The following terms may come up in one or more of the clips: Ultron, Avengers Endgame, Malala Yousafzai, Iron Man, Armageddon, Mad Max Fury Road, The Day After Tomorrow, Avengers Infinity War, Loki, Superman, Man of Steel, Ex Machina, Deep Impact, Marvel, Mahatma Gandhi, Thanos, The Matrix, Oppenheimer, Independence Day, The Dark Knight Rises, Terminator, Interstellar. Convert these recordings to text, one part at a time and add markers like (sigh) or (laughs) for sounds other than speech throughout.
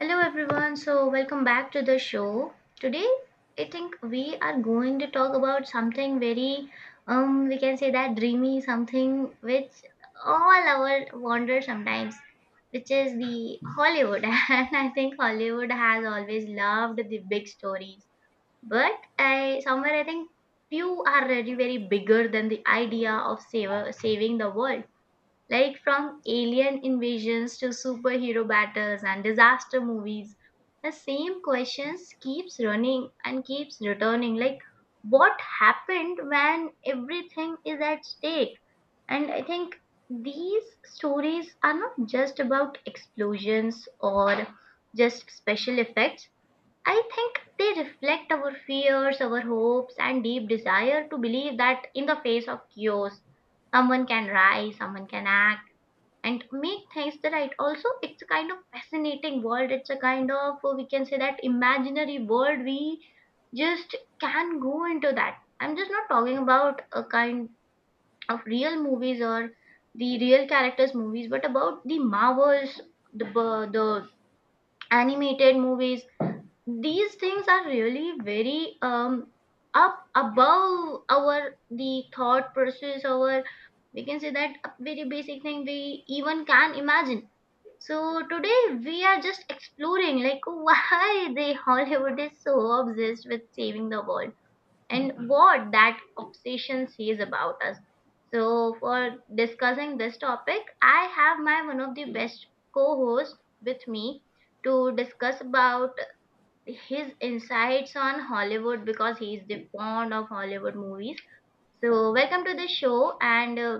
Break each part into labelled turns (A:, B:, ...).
A: Hello everyone, so welcome back to the show. Today, I think we are going to talk about something very, we can say that dreamy, something which all our wander sometimes, which is the Hollywood. (laughs) And I think Hollywood has always loved the big stories, but I somewhere I think few are really very bigger than the idea of saving the world, like from alien invasions to superhero battles and disaster movies, the same questions keeps running and keeps returning. Like what happened when everything is at stake? And I think these stories are not just about explosions or just special effects. I think they reflect our fears, our hopes, and deep desire to believe that in the face of chaos, someone can rise, someone can act and make things the right. Also, it's a kind of fascinating world. It's a kind of, we can say that, imaginary world we just can go into that. I'm just not talking about a kind of real movies or the real characters movies, but about the Marvels, the animated movies. These things are really very up above our the thought process our, we can say that, a very basic thing we even can imagine. So today we are just exploring like why the Hollywood is so obsessed with saving the world, and what that obsession says about us. So for discussing this topic, I have my one of the best co-hosts with me to discuss about his insights on Hollywood because he is the fond of Hollywood movies. So welcome to the show, and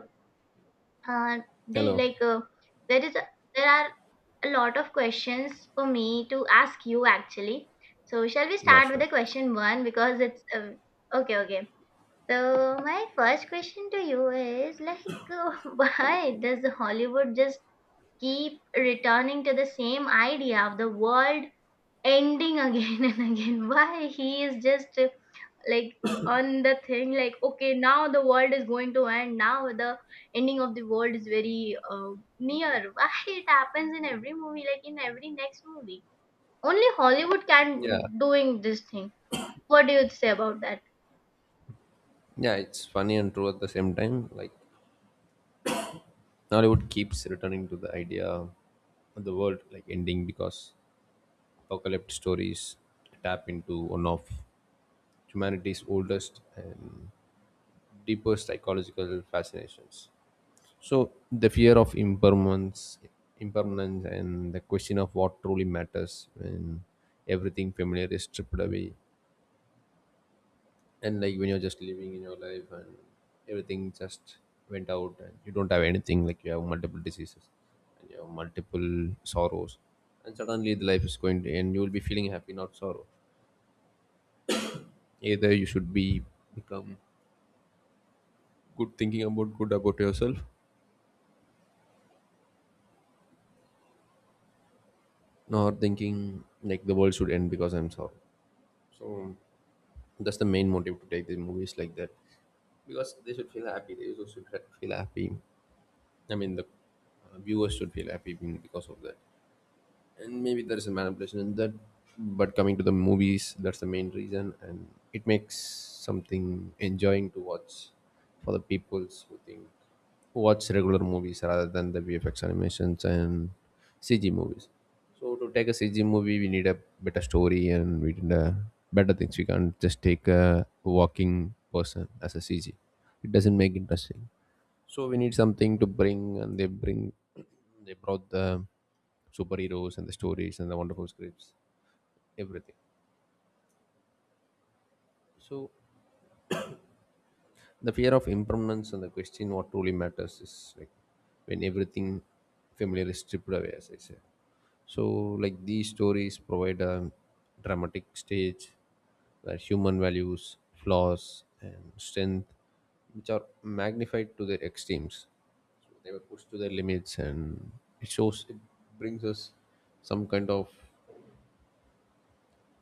A: uh, do you,
B: Hello.
A: like, there is a, there are a lot of questions for me to ask you actually. So, shall we
B: Yeah,
A: start with
B: sure.
A: the question one, because it's, okay, okay. So, my first question to you is, like, (laughs) why does Hollywood just keep returning to the same idea of the world ending again (laughs) and again? Why he is just like on the thing, like, okay, now the world is going to end. Now the ending of the world is very, near. Why it happens in every movie, like in every next movie? Only Hollywood can
B: Yeah.
A: doing this thing. What do you say about that?
B: Yeah, it's funny and true at the same time. Nollywood keeps returning to the idea of the world like ending because apocalypse stories tap into one of humanity's oldest and deepest psychological fascinations. So the fear of impermanence and the question of what truly matters when everything familiar is stripped away. And like when you're just living in your life and everything just went out and you don't have anything, like you have multiple diseases and you have multiple sorrows, and suddenly the life is going to end, you will be feeling happy, not sorrow. Either you should be become good, thinking about good about yourself, nor thinking like the world should end because I'm sorrow. So that's the main motive to take the movies like that, because they should feel happy. They also should feel happy. I mean, the viewers should feel happy because of that. And maybe there is a manipulation in that, but coming to the movies, that's the main reason. And it makes something enjoying to watch for the peoples who think, who watch regular movies rather than the vfx animations and cg movies. So to take a cg movie, we need a better story and we need a better things. We can't just take a walking person as a cg, it doesn't make interesting. So we need something to bring, and they bring, they brought the superheroes and the stories and the wonderful scripts, everything. So the fear of impermanence and the question what truly matters is like when everything familiar is stripped away, as I say. So like these stories provide a dramatic stage where human values, flaws and strength, which are magnified to their extremes. So they were pushed to their limits, and it shows, it brings us some kind of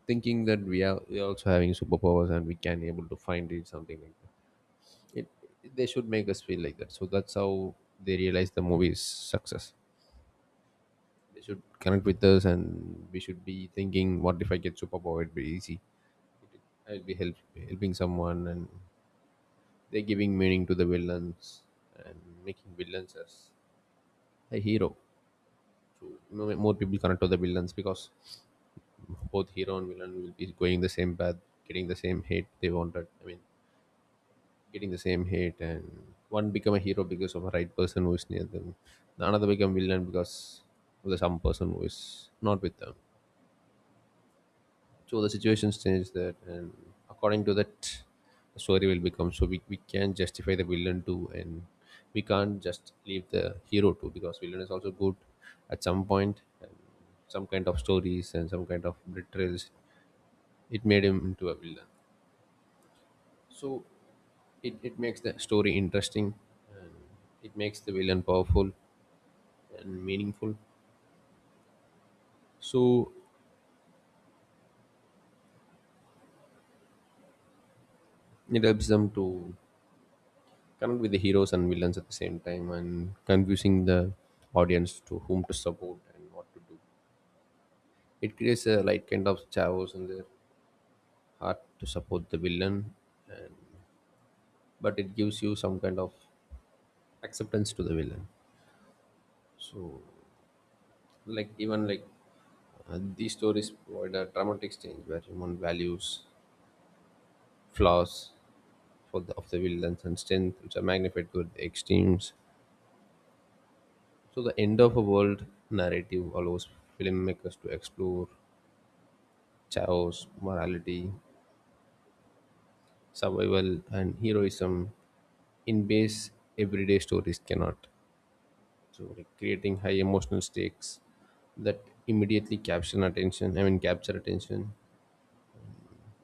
B: thinking that we are also having superpowers and we can able to find it, something like that. It, they should make us feel like that, so that's how they realize the movie's success. They should connect with us and we should be thinking, what if I get superpower, it'd be easy. i'll be help, helping someone. And they're giving meaning to the villains and making villains as a hero. So more people connect to the villains because both hero and villain will be going the same path, getting the same hate they wanted. I mean, getting the same hate, and one become a hero because of a right person who is near them, the another become villain because of the some person who is not with them. So the situations change that, and according to that the story will become. So we can justify the villain too, and we can't just leave the hero too, because villain is also good at some point, and some kind of stories and some kind of betrayals it made him into a villain. So it makes the story interesting, and it makes the villain powerful and meaningful. So it helps them to connect with the heroes and villains at the same time, and confusing the audience to whom to support and what to do. It creates a light kind of chaos in their heart to support the villain. And but it gives you some kind of acceptance to the villain. So like even like these stories provide a dramatic change where human values, flaws of the villains, and strength, which are magnified to the extremes. So the end of a world narrative allows filmmakers to explore chaos, morality, survival, and heroism in ways everyday stories cannot. So like creating high emotional stakes that immediately capture attention. I mean capture attention.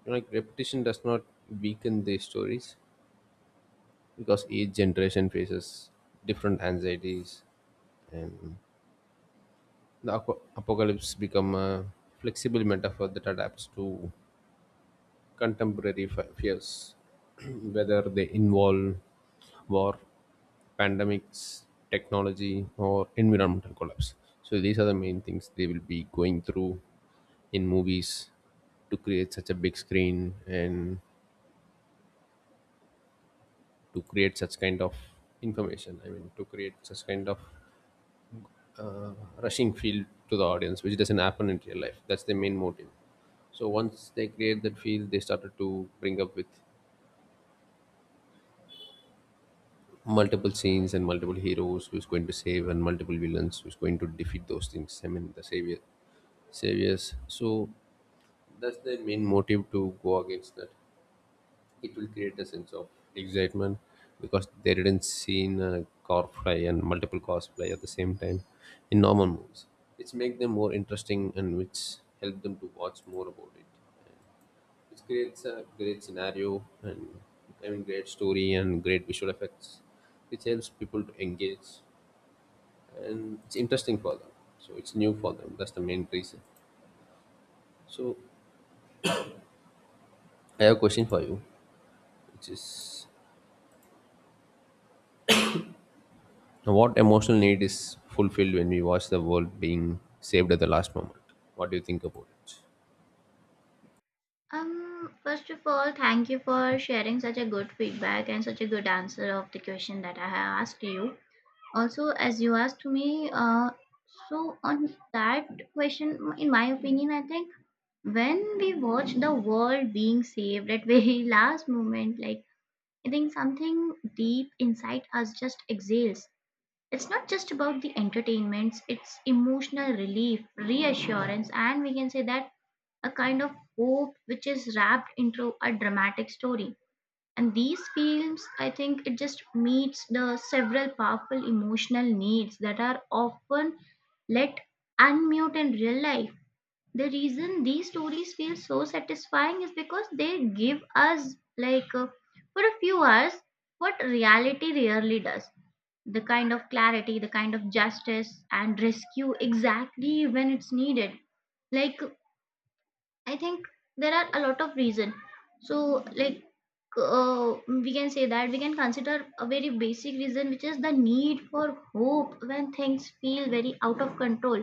B: Like repetition does not weaken these stories because each generation faces different anxieties. And the apocalypse become a flexible metaphor that adapts to contemporary fears, (clears throat) whether they involve war, pandemics, technology, or environmental collapse. So these are the main things they will be going through in movies to create such a big screen and to create such kind of information. I mean, to create such kind of uh, rushing feel to the audience, which doesn't happen in real life. That's the main motive. So once they create that feel, they started to bring up with multiple scenes and multiple heroes who's going to save and multiple villains who's going to defeat those things. I mean the saviors. So that's their main motive to go against that. It will create a sense of excitement because they didn't see a corpse and multiple cosplay at the same time in normal movies. It's make them more interesting and which help them to watch more about it. It creates a great scenario and, I mean, great story and great visual effects, which helps people to engage and it's interesting for them. So it's new for them. That's the main reason. So I have a question for you, which is, what emotional need is fulfilled when we watch the world being saved at the last moment? What do you think about it?
A: First of all, thank you for sharing such a good feedback and such a good answer of the question that I have asked you. Also, as you asked me, uh, so on that question, in my opinion, I think when we watch the world being saved at very (laughs) last moment, like, I think something deep inside us just exhales. It's not just about the entertainments. It's emotional relief, reassurance, and we can say that a kind of hope which is wrapped into a dramatic story. And these films, I think, it just meets the several powerful emotional needs that are often let unmute in real life. The reason these stories feel so satisfying is because they give us, like, for a few hours what reality rarely does: the kind of clarity, the kind of justice, and rescue exactly when it's needed. Like, I think there are a lot of reason, so like, we can say that we can consider a very basic reason, which is the need for hope when things feel very out of control.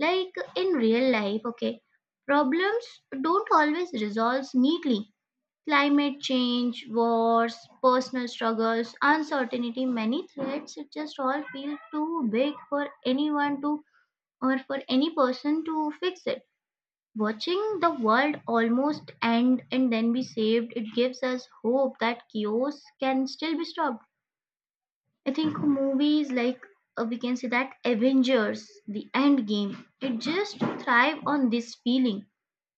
A: Like in real life, okay, problems don't always resolve neatly. Climate change, wars, personal struggles, uncertainty, many threats, it just all feel too big for any person to fix it. Watching the world almost end and then be saved, it gives us hope that chaos can still be stopped. I think movies like, we can say that, Avengers, the End Game, it just thrive on this feeling.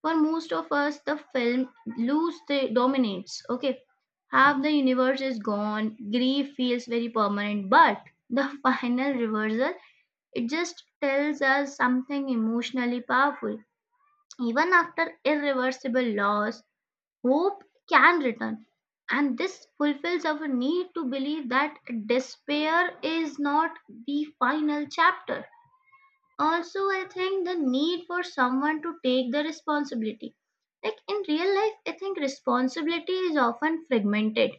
A: For most of us, the film lose the dominates. Okay, half the universe is gone. Grief feels very permanent, but the (laughs) final reversal, it just tells us something emotionally powerful. Even after irreversible loss, hope can return, and this fulfills our need to believe that despair is not the final chapter. Also, I think the need for someone to take the responsibility. Like in real life, I think responsibility is often fragmented.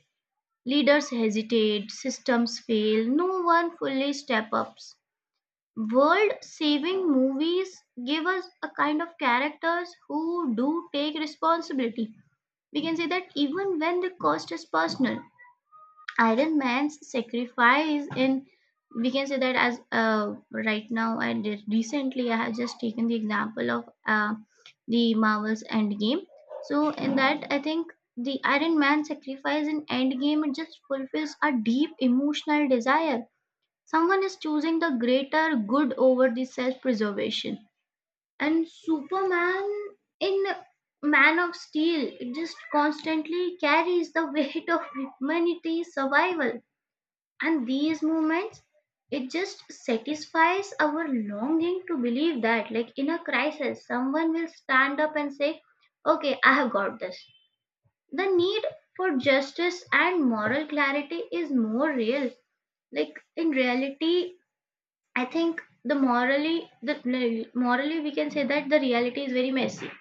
A: Leaders hesitate, systems fail, no one fully step ups. World saving movies give us a kind of characters who do take responsibility, we can say that, even when the cost is personal. Iron Man's sacrifice in, we can say that, as right now and recently I have just taken the example of, the Marvel's Endgame. So in that, I think the Iron Man sacrifice in Endgame, it just fulfills a deep emotional desire. Someone is choosing the greater good over the self-preservation. And Superman in Man of Steel just constantly carries the weight of humanity's survival, and these moments, it just satisfies our longing to believe that, like, in a crisis someone will stand up and say, okay, I have got this. The need for justice and moral clarity is more real, like in reality. I think the morally the no, morally we can say that the reality is very messy.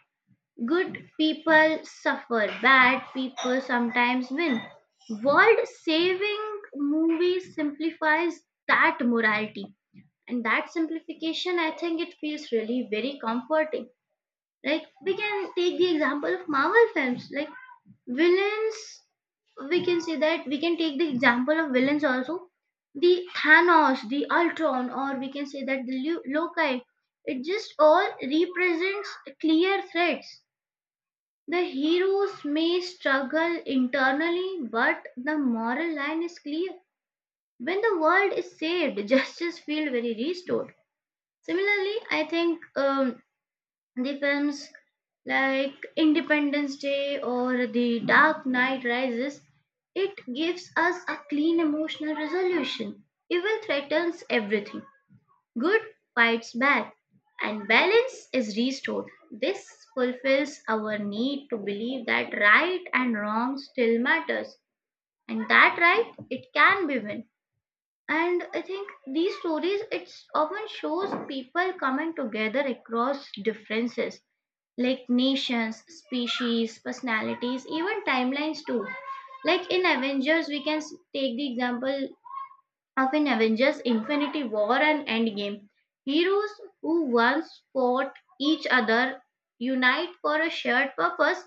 A: Good people suffer, bad people sometimes win. World saving movie simplifies that morality. And that simplification, I think, it feels really very comforting. Like we can take the example of Marvel films. Like villains, we can say that, we can take the example of villains also: the Thanos, the Ultron, or we can say that Loki. It just all represents clear threats. The heroes may struggle internally, but the moral line is clear. When the world is saved, (laughs) justice feels very restored. Similarly, I think the films like Independence Day or The Dark Knight Rises, it gives us a clean emotional resolution. Evil threatens everything, good fights bad, and balance is restored. This fulfills our need to believe that right and wrong still matters, and that right it can be won. And I think these stories, it often shows people coming together across differences, like nations, species, personalities, even timelines too. Like in Avengers, we can take the example of, in Avengers Infinity War and Endgame. Heroes who once fought each other unite for a shared purpose.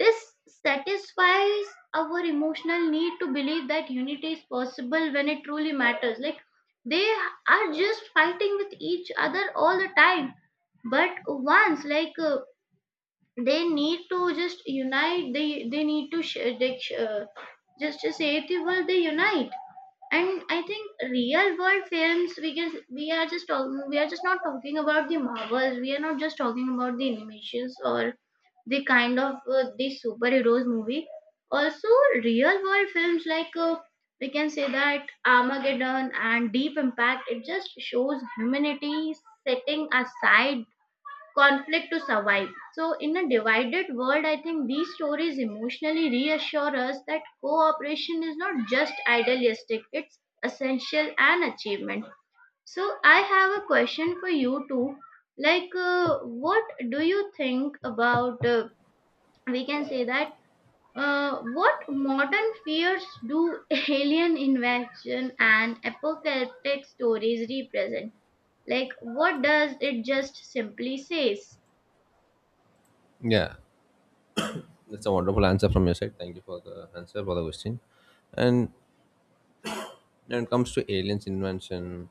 A: This satisfies our emotional need to believe that unity is possible when it truly matters. Like, they are just fighting with each other all the time, but once, like, they need to just unite. They need to sh- they sh- Just to save the world, they unite. And I think real world films, we are just not talking about the Marvels, we are not just talking about the animations or the kind of, the superheroes movie also. Real world films like, we can say that, Armageddon and Deep Impact, it just shows humanity setting aside conflict to survive. So, in a divided world, I think these stories emotionally reassure us that cooperation is not just idealistic, it's essential and achievement. So, I have a question for you too. Like, what do you think about, we can say that, uh, what modern fears do (laughs) alien invasion and apocalyptic stories represent? Like, what does it just simply says?
B: Yeah, that's a wonderful answer from your side. Thank you for the answer for the question. And when it comes to aliens invention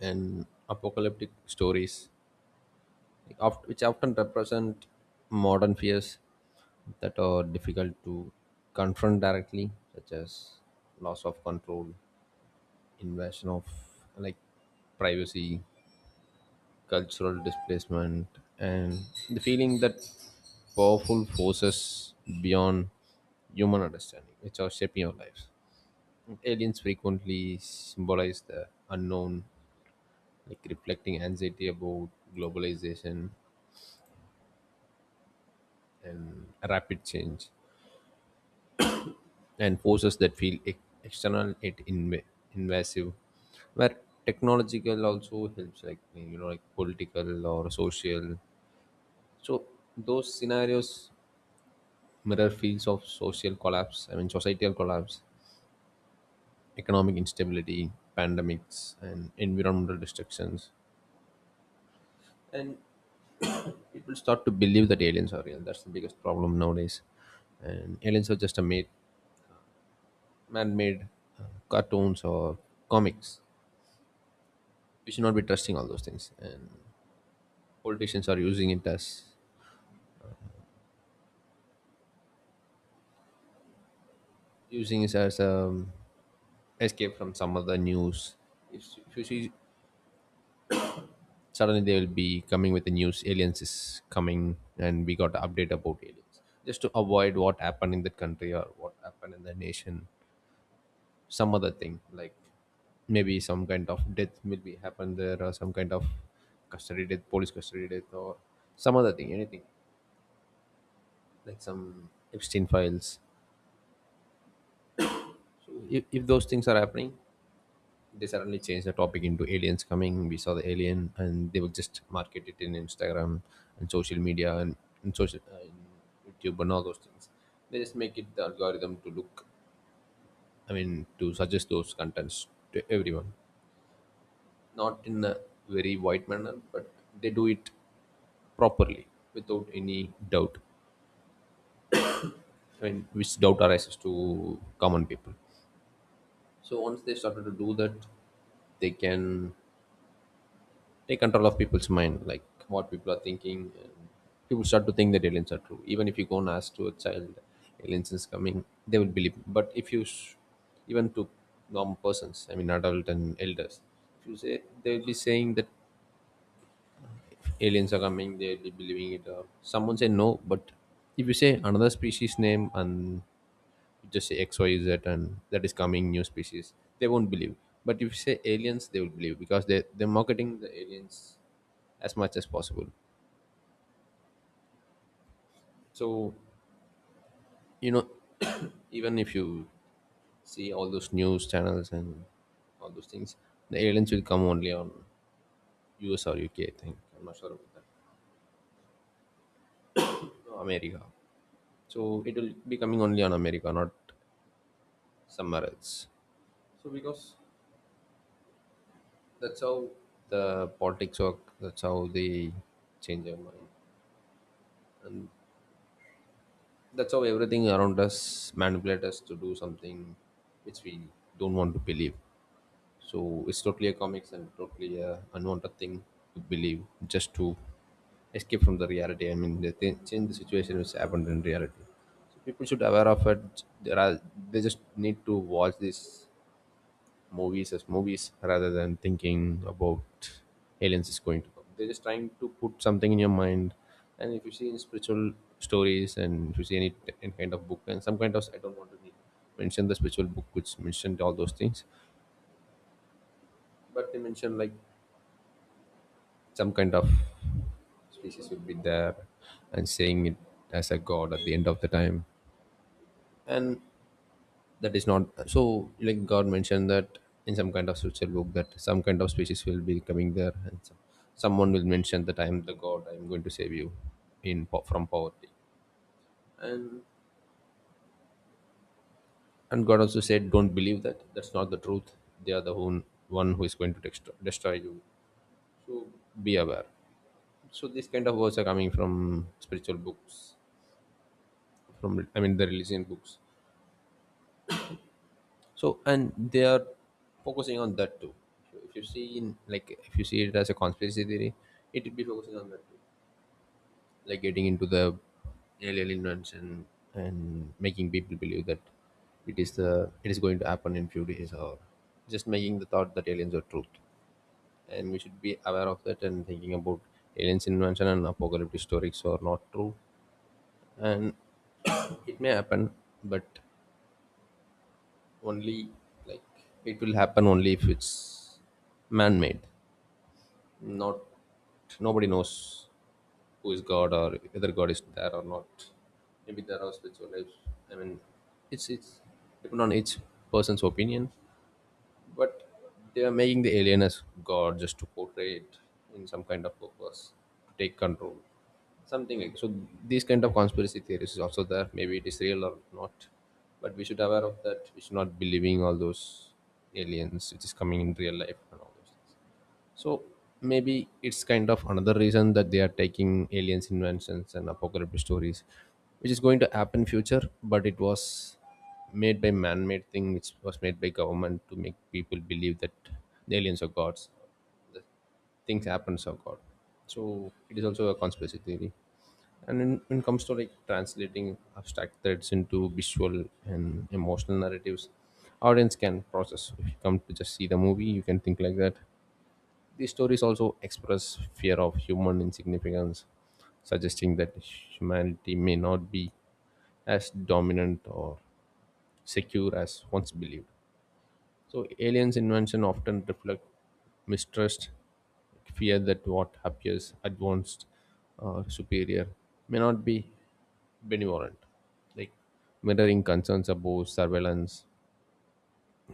B: and apocalyptic stories, like which often represent modern fears that are difficult to confront directly, such as loss of control, invasion of like privacy, cultural displacement, and the feeling that powerful forces beyond human understanding, which are shaping our lives. Aliens frequently symbolize the unknown, like reflecting anxiety about globalization, rapid change, and forces that feel external yet invasive. Where technological also helps, like you know, like political or social. So those scenarios mirror fields of social collapse, I mean societal collapse, economic instability, pandemics, and environmental destructions. And people start to believe that aliens are real. That's the biggest problem nowadays. And aliens are just man-made uh, cartoons or comics. We should not be trusting all those things. And politicians are using it as, using it as a escape from some other news. If you see, suddenly they will be coming with the news aliens is coming and we got to update about aliens, just to avoid what happened in that country or what happened in the nation, some other thing, like maybe some kind of death will be happen there or some kind of custody death, police custody death, or some other thing, anything like some Epstein files. So if those things are happening, they suddenly changed the topic into aliens coming. We saw the alien, and they would just market it in Instagram and social media, and social in YouTube and all those things. They just make it the algorithm to look, I mean, to suggest those contents to everyone, not in a very wide manner, but they do it properly without any doubt. I mean, which doubt arises to common people. So once they started to do that, they can take control of people's mind, like what people are thinking. And people start to think that aliens are true. Even if you go and ask to a child, aliens is coming, they will believe. But if you, even to normal persons, I mean adult and elders, if you say, they will be saying that aliens are coming, they will be believing it. Or someone say no. But if you say another species name and you just say X, Y, Z, and that is coming new species, they won't believe. But if you say aliens, they will believe, because they they're marketing the aliens as much as possible. So you know, (coughs) (clears throat) even if you see all those news channels and all those things, the aliens will come only on US or UK. I think I'm not sure about that. No, America. So it will be coming only on America, not somewhere else. So because that's how the politics work. That's how they change their mind. That's how everything around us manipulate us to do something which we don't want to believe. So it's totally a comics and totally a unwanted thing to believe, just to escape from the reality. I mean, they change the situation which happened in reality. So people should aware of it. There are, they just need to watch this movies as movies rather than thinking about aliens is going to come. They're just trying to put something in your mind. And if you see in spiritual stories, and if you see any kind of book and some kind of, I don't want to mention the spiritual book which mentioned all those things, but they mention like some kind of species will be there and saying it as a god at the end of the time. And that is not, so like god mentioned that in some kind of scripture book that some kind of species will be coming there, and someone will mention that I am the god, I am going to save you in from poverty. and and god also said don't believe that, that's not the truth, they are the one who is going to destroy you. So be aware. So these kind of words are coming from spiritual books, from, I mean, the religion books. So, and they are focusing on that too. If you see in like, if you see it as a conspiracy theory, it will be focusing on that too, like getting into the alien invention and making people believe that it is going to happen in few days, or just making the thought that aliens are truth, and we should be aware of that and thinking about aliens invention and apocalyptic stories are not true. And (coughs) it may happen, but only like it will happen only if it's man-made, not, nobody knows who is god or whether god is there or not. Maybe there are spiritual lives, I mean, it's depend on each person's opinion. But they are making the alien as god just to portray it in some kind of purpose to take control, something like. So these kind of conspiracy theories is also there, maybe it is real or not, but we should aware of that, we should not be believing all those aliens which is coming in real life and all those. So maybe it's kind of another reason that they are taking aliens inventions and apocalyptic stories, which is going to happen future, but it was made by man-made thing, which was made by government to make people believe that the aliens are gods, things happen are god. So it is also a conspiracy theory. And when it comes to like translating abstract threads into visual and emotional narratives, audience can process. If you come to just see the movie, you can think like that these stories also express fear of human insignificance, suggesting that humanity may not be as dominant or secure as once believed. So, aliens' invention often reflect mistrust, fear that what appears advanced or superior may not be benevolent, like mirroring concerns about surveillance,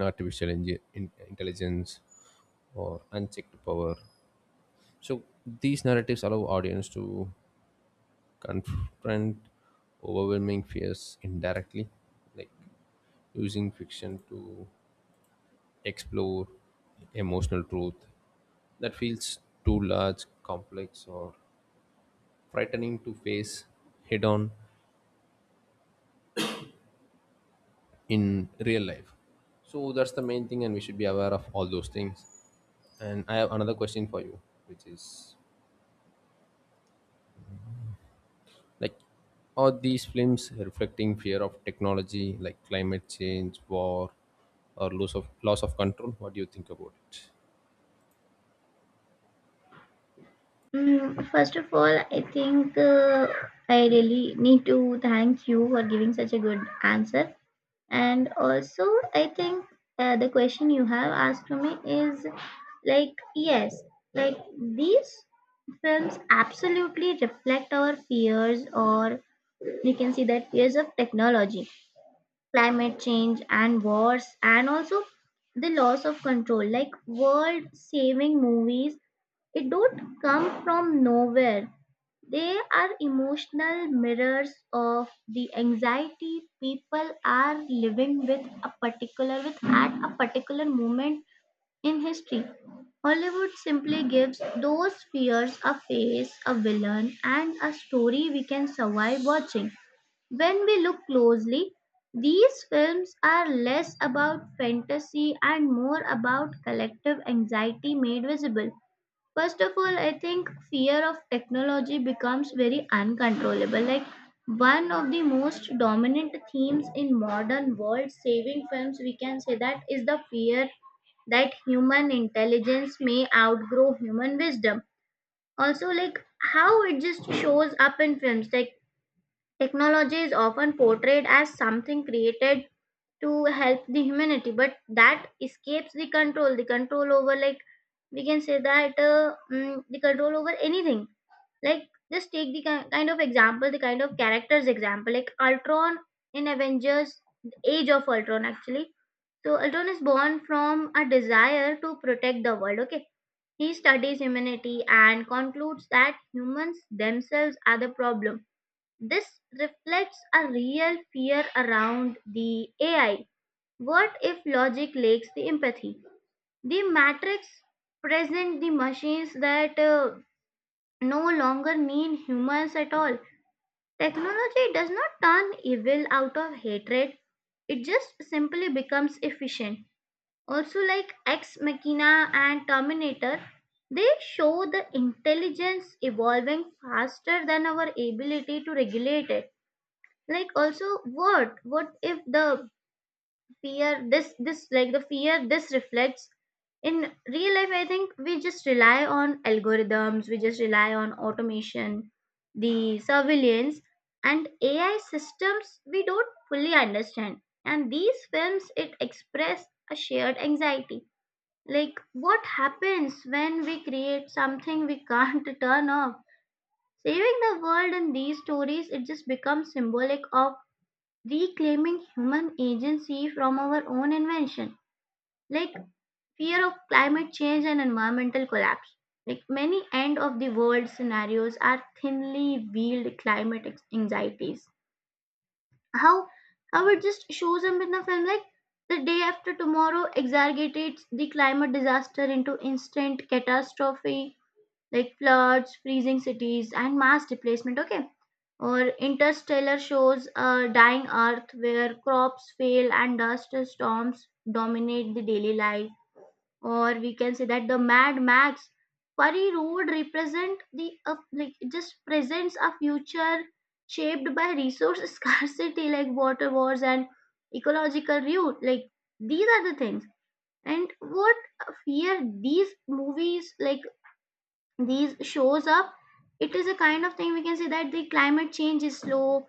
B: artificial intelligence, or unchecked power. So these narratives allow audience to confront overwhelming fears indirectly, like using fiction to explore emotional truth that feels too large, complex, or frightening to face head on in real life. So that's the main thing, and we should be aware of all those things. And I have another question for you, which is, like, are these films reflecting fear of technology, like climate change, war, or loss of control? What do you think about it?
A: First of all, I think, I really need to thank you for giving such a good answer. And also, I think, the question you have asked to me is, like, yes, like these films absolutely reflect our fears, or we can see that fears of technology, climate change, and wars, and also the loss of control. Like world saving movies, it don't come from nowhere. They are emotional mirrors of the anxiety people are living with a particular with at a particular moment in history. Hollywood simply gives those fears a face, a villain, and a story we can survive watching. When we look closely, these films are less about fantasy and more about collective anxiety made visible. First of all, I think fear of technology becomes very uncontrollable. Like one of the most dominant themes in modern world saving films, we can say that, is the fear that human intelligence may outgrow human wisdom. Also, like how it just shows up in films, like technology is often portrayed as something created to help the humanity, but that escapes the control. The control over, like, we can say that, the control over anything. Like, just take the kind of example, the kind of characters example, like Ultron in Avengers, Age of Ultron, actually. So, Ultron is born from a desire to protect the world, okay? He studies humanity and concludes that humans themselves are the problem. This reflects a real fear around the AI. What if logic lacks the empathy? The Matrix present the machines that, no longer need humans at all. Technology does not turn evil out of hatred. It just simply becomes efficient. Also, like Ex Machina and Terminator, they show the intelligence evolving faster than our ability to regulate it. Like, also, what if the fear this like the fear this reflects in real life, I think we just rely on algorithms, we just rely on automation, the surveillance, and AI systems we don't fully understand. And these films, it express a shared anxiety, like what happens when we create something we can't (laughs) turn off. Saving the world in these stories, it just becomes symbolic of reclaiming human agency from our own invention. Like fear of climate change and environmental collapse. Like many end of the world scenarios are thinly veiled climate anxieties. How how it just shows up in the film, like The Day After Tomorrow exaggerates the climate disaster into instant catastrophe, like floods, freezing cities, and mass displacement. Okay, or Interstellar shows a dying Earth where crops fail and dust storms dominate the daily life. Or we can say that the Mad Max Fury Road represent the like, it just presents a future shaped by resource (laughs) scarcity, like water wars and ecological view. Like these are the things. And what fear these movies, like these shows up, it is a kind of thing, we can say that the climate change is slow,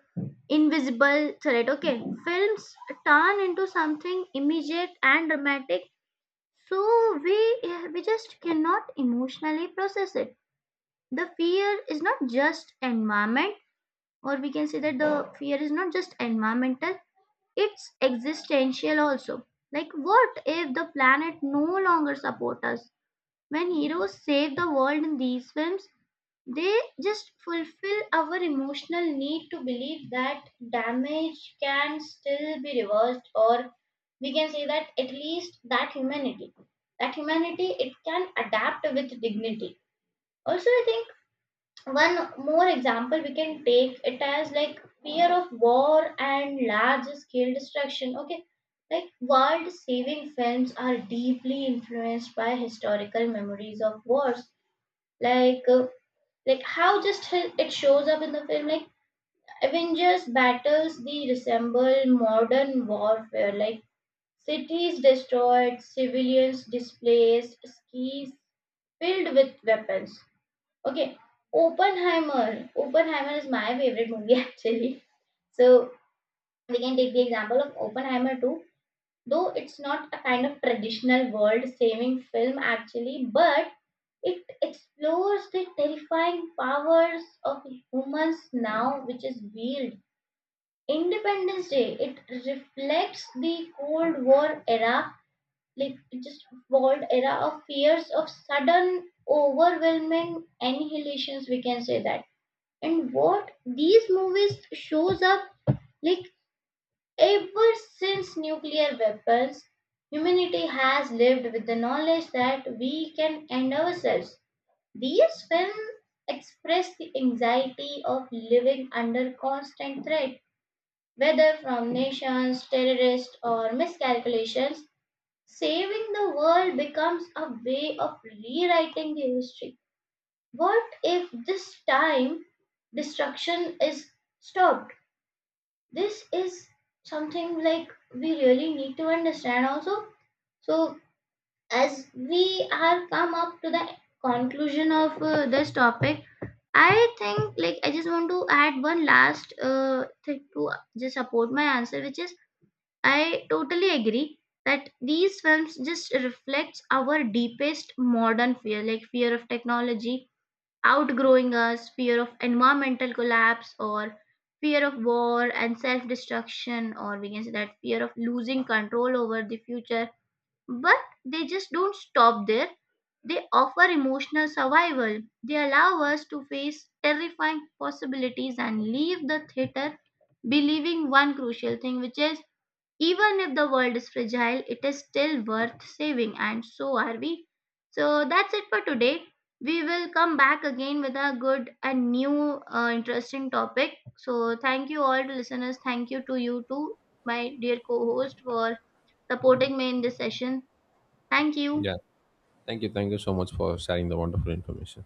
A: invisible threat. Okay, films turn into something immediate and dramatic, so we we just cannot emotionally process it. The fear is not just environment, or we can say that the fear is not just environmental, it's existential also, like what if the planet no longer support us. When heroes save the world in these films, they just fulfill our emotional need to believe that damage can still be reversed, or we can say that at least that humanity, it can adapt with dignity. Also, I think one more example we can take it as like fear of war and large scale destruction. Okay, like world saving films are deeply influenced by historical memories of wars, like uh, like how just it shows up in the film, like Avengers battles, they resemble modern warfare, like cities destroyed, civilians displaced, skis filled with weapons. Okay, Oppenheimer is my favorite movie (laughs) actually. So we can take the example of Oppenheimer too, though it's not a kind of traditional world saving film actually, but it explores the terrifying powers of humans now, which is wield. Independence Day, it reflects the Cold War era, like just world era of fears of sudden, overwhelming annihilations, we can say that. And what these movies shows up, like ever since nuclear weapons, humanity has lived with the knowledge that we can end ourselves. These films express the anxiety of living under constant threat, whether from nations, terrorists, or miscalculations. Saving the world becomes a way of rewriting the history. What if this time destruction is stopped? This is something like we really need to understand also. So as we have come up to the conclusion of this topic, I think, like, I just want to add one last thing to just support my answer, which is I totally agree that these films just reflects our deepest modern fear, like fear of technology outgrowing us, fear of environmental collapse, or fear of war and self destruction, or we can say that fear of losing control over the future. But they just don't stop there. They offer emotional survival. They allow us to face terrifying possibilities and leave the theater believing one crucial thing, which is even if the world is fragile, it is still worth saving, and so are we. So that's it for today. We will come back again with a good and new interesting topic. So thank you all to listeners. Thank you to you too, my dear co-host, for supporting me in this session. Thank you.
B: Yeah, thank you so much for sharing the wonderful information.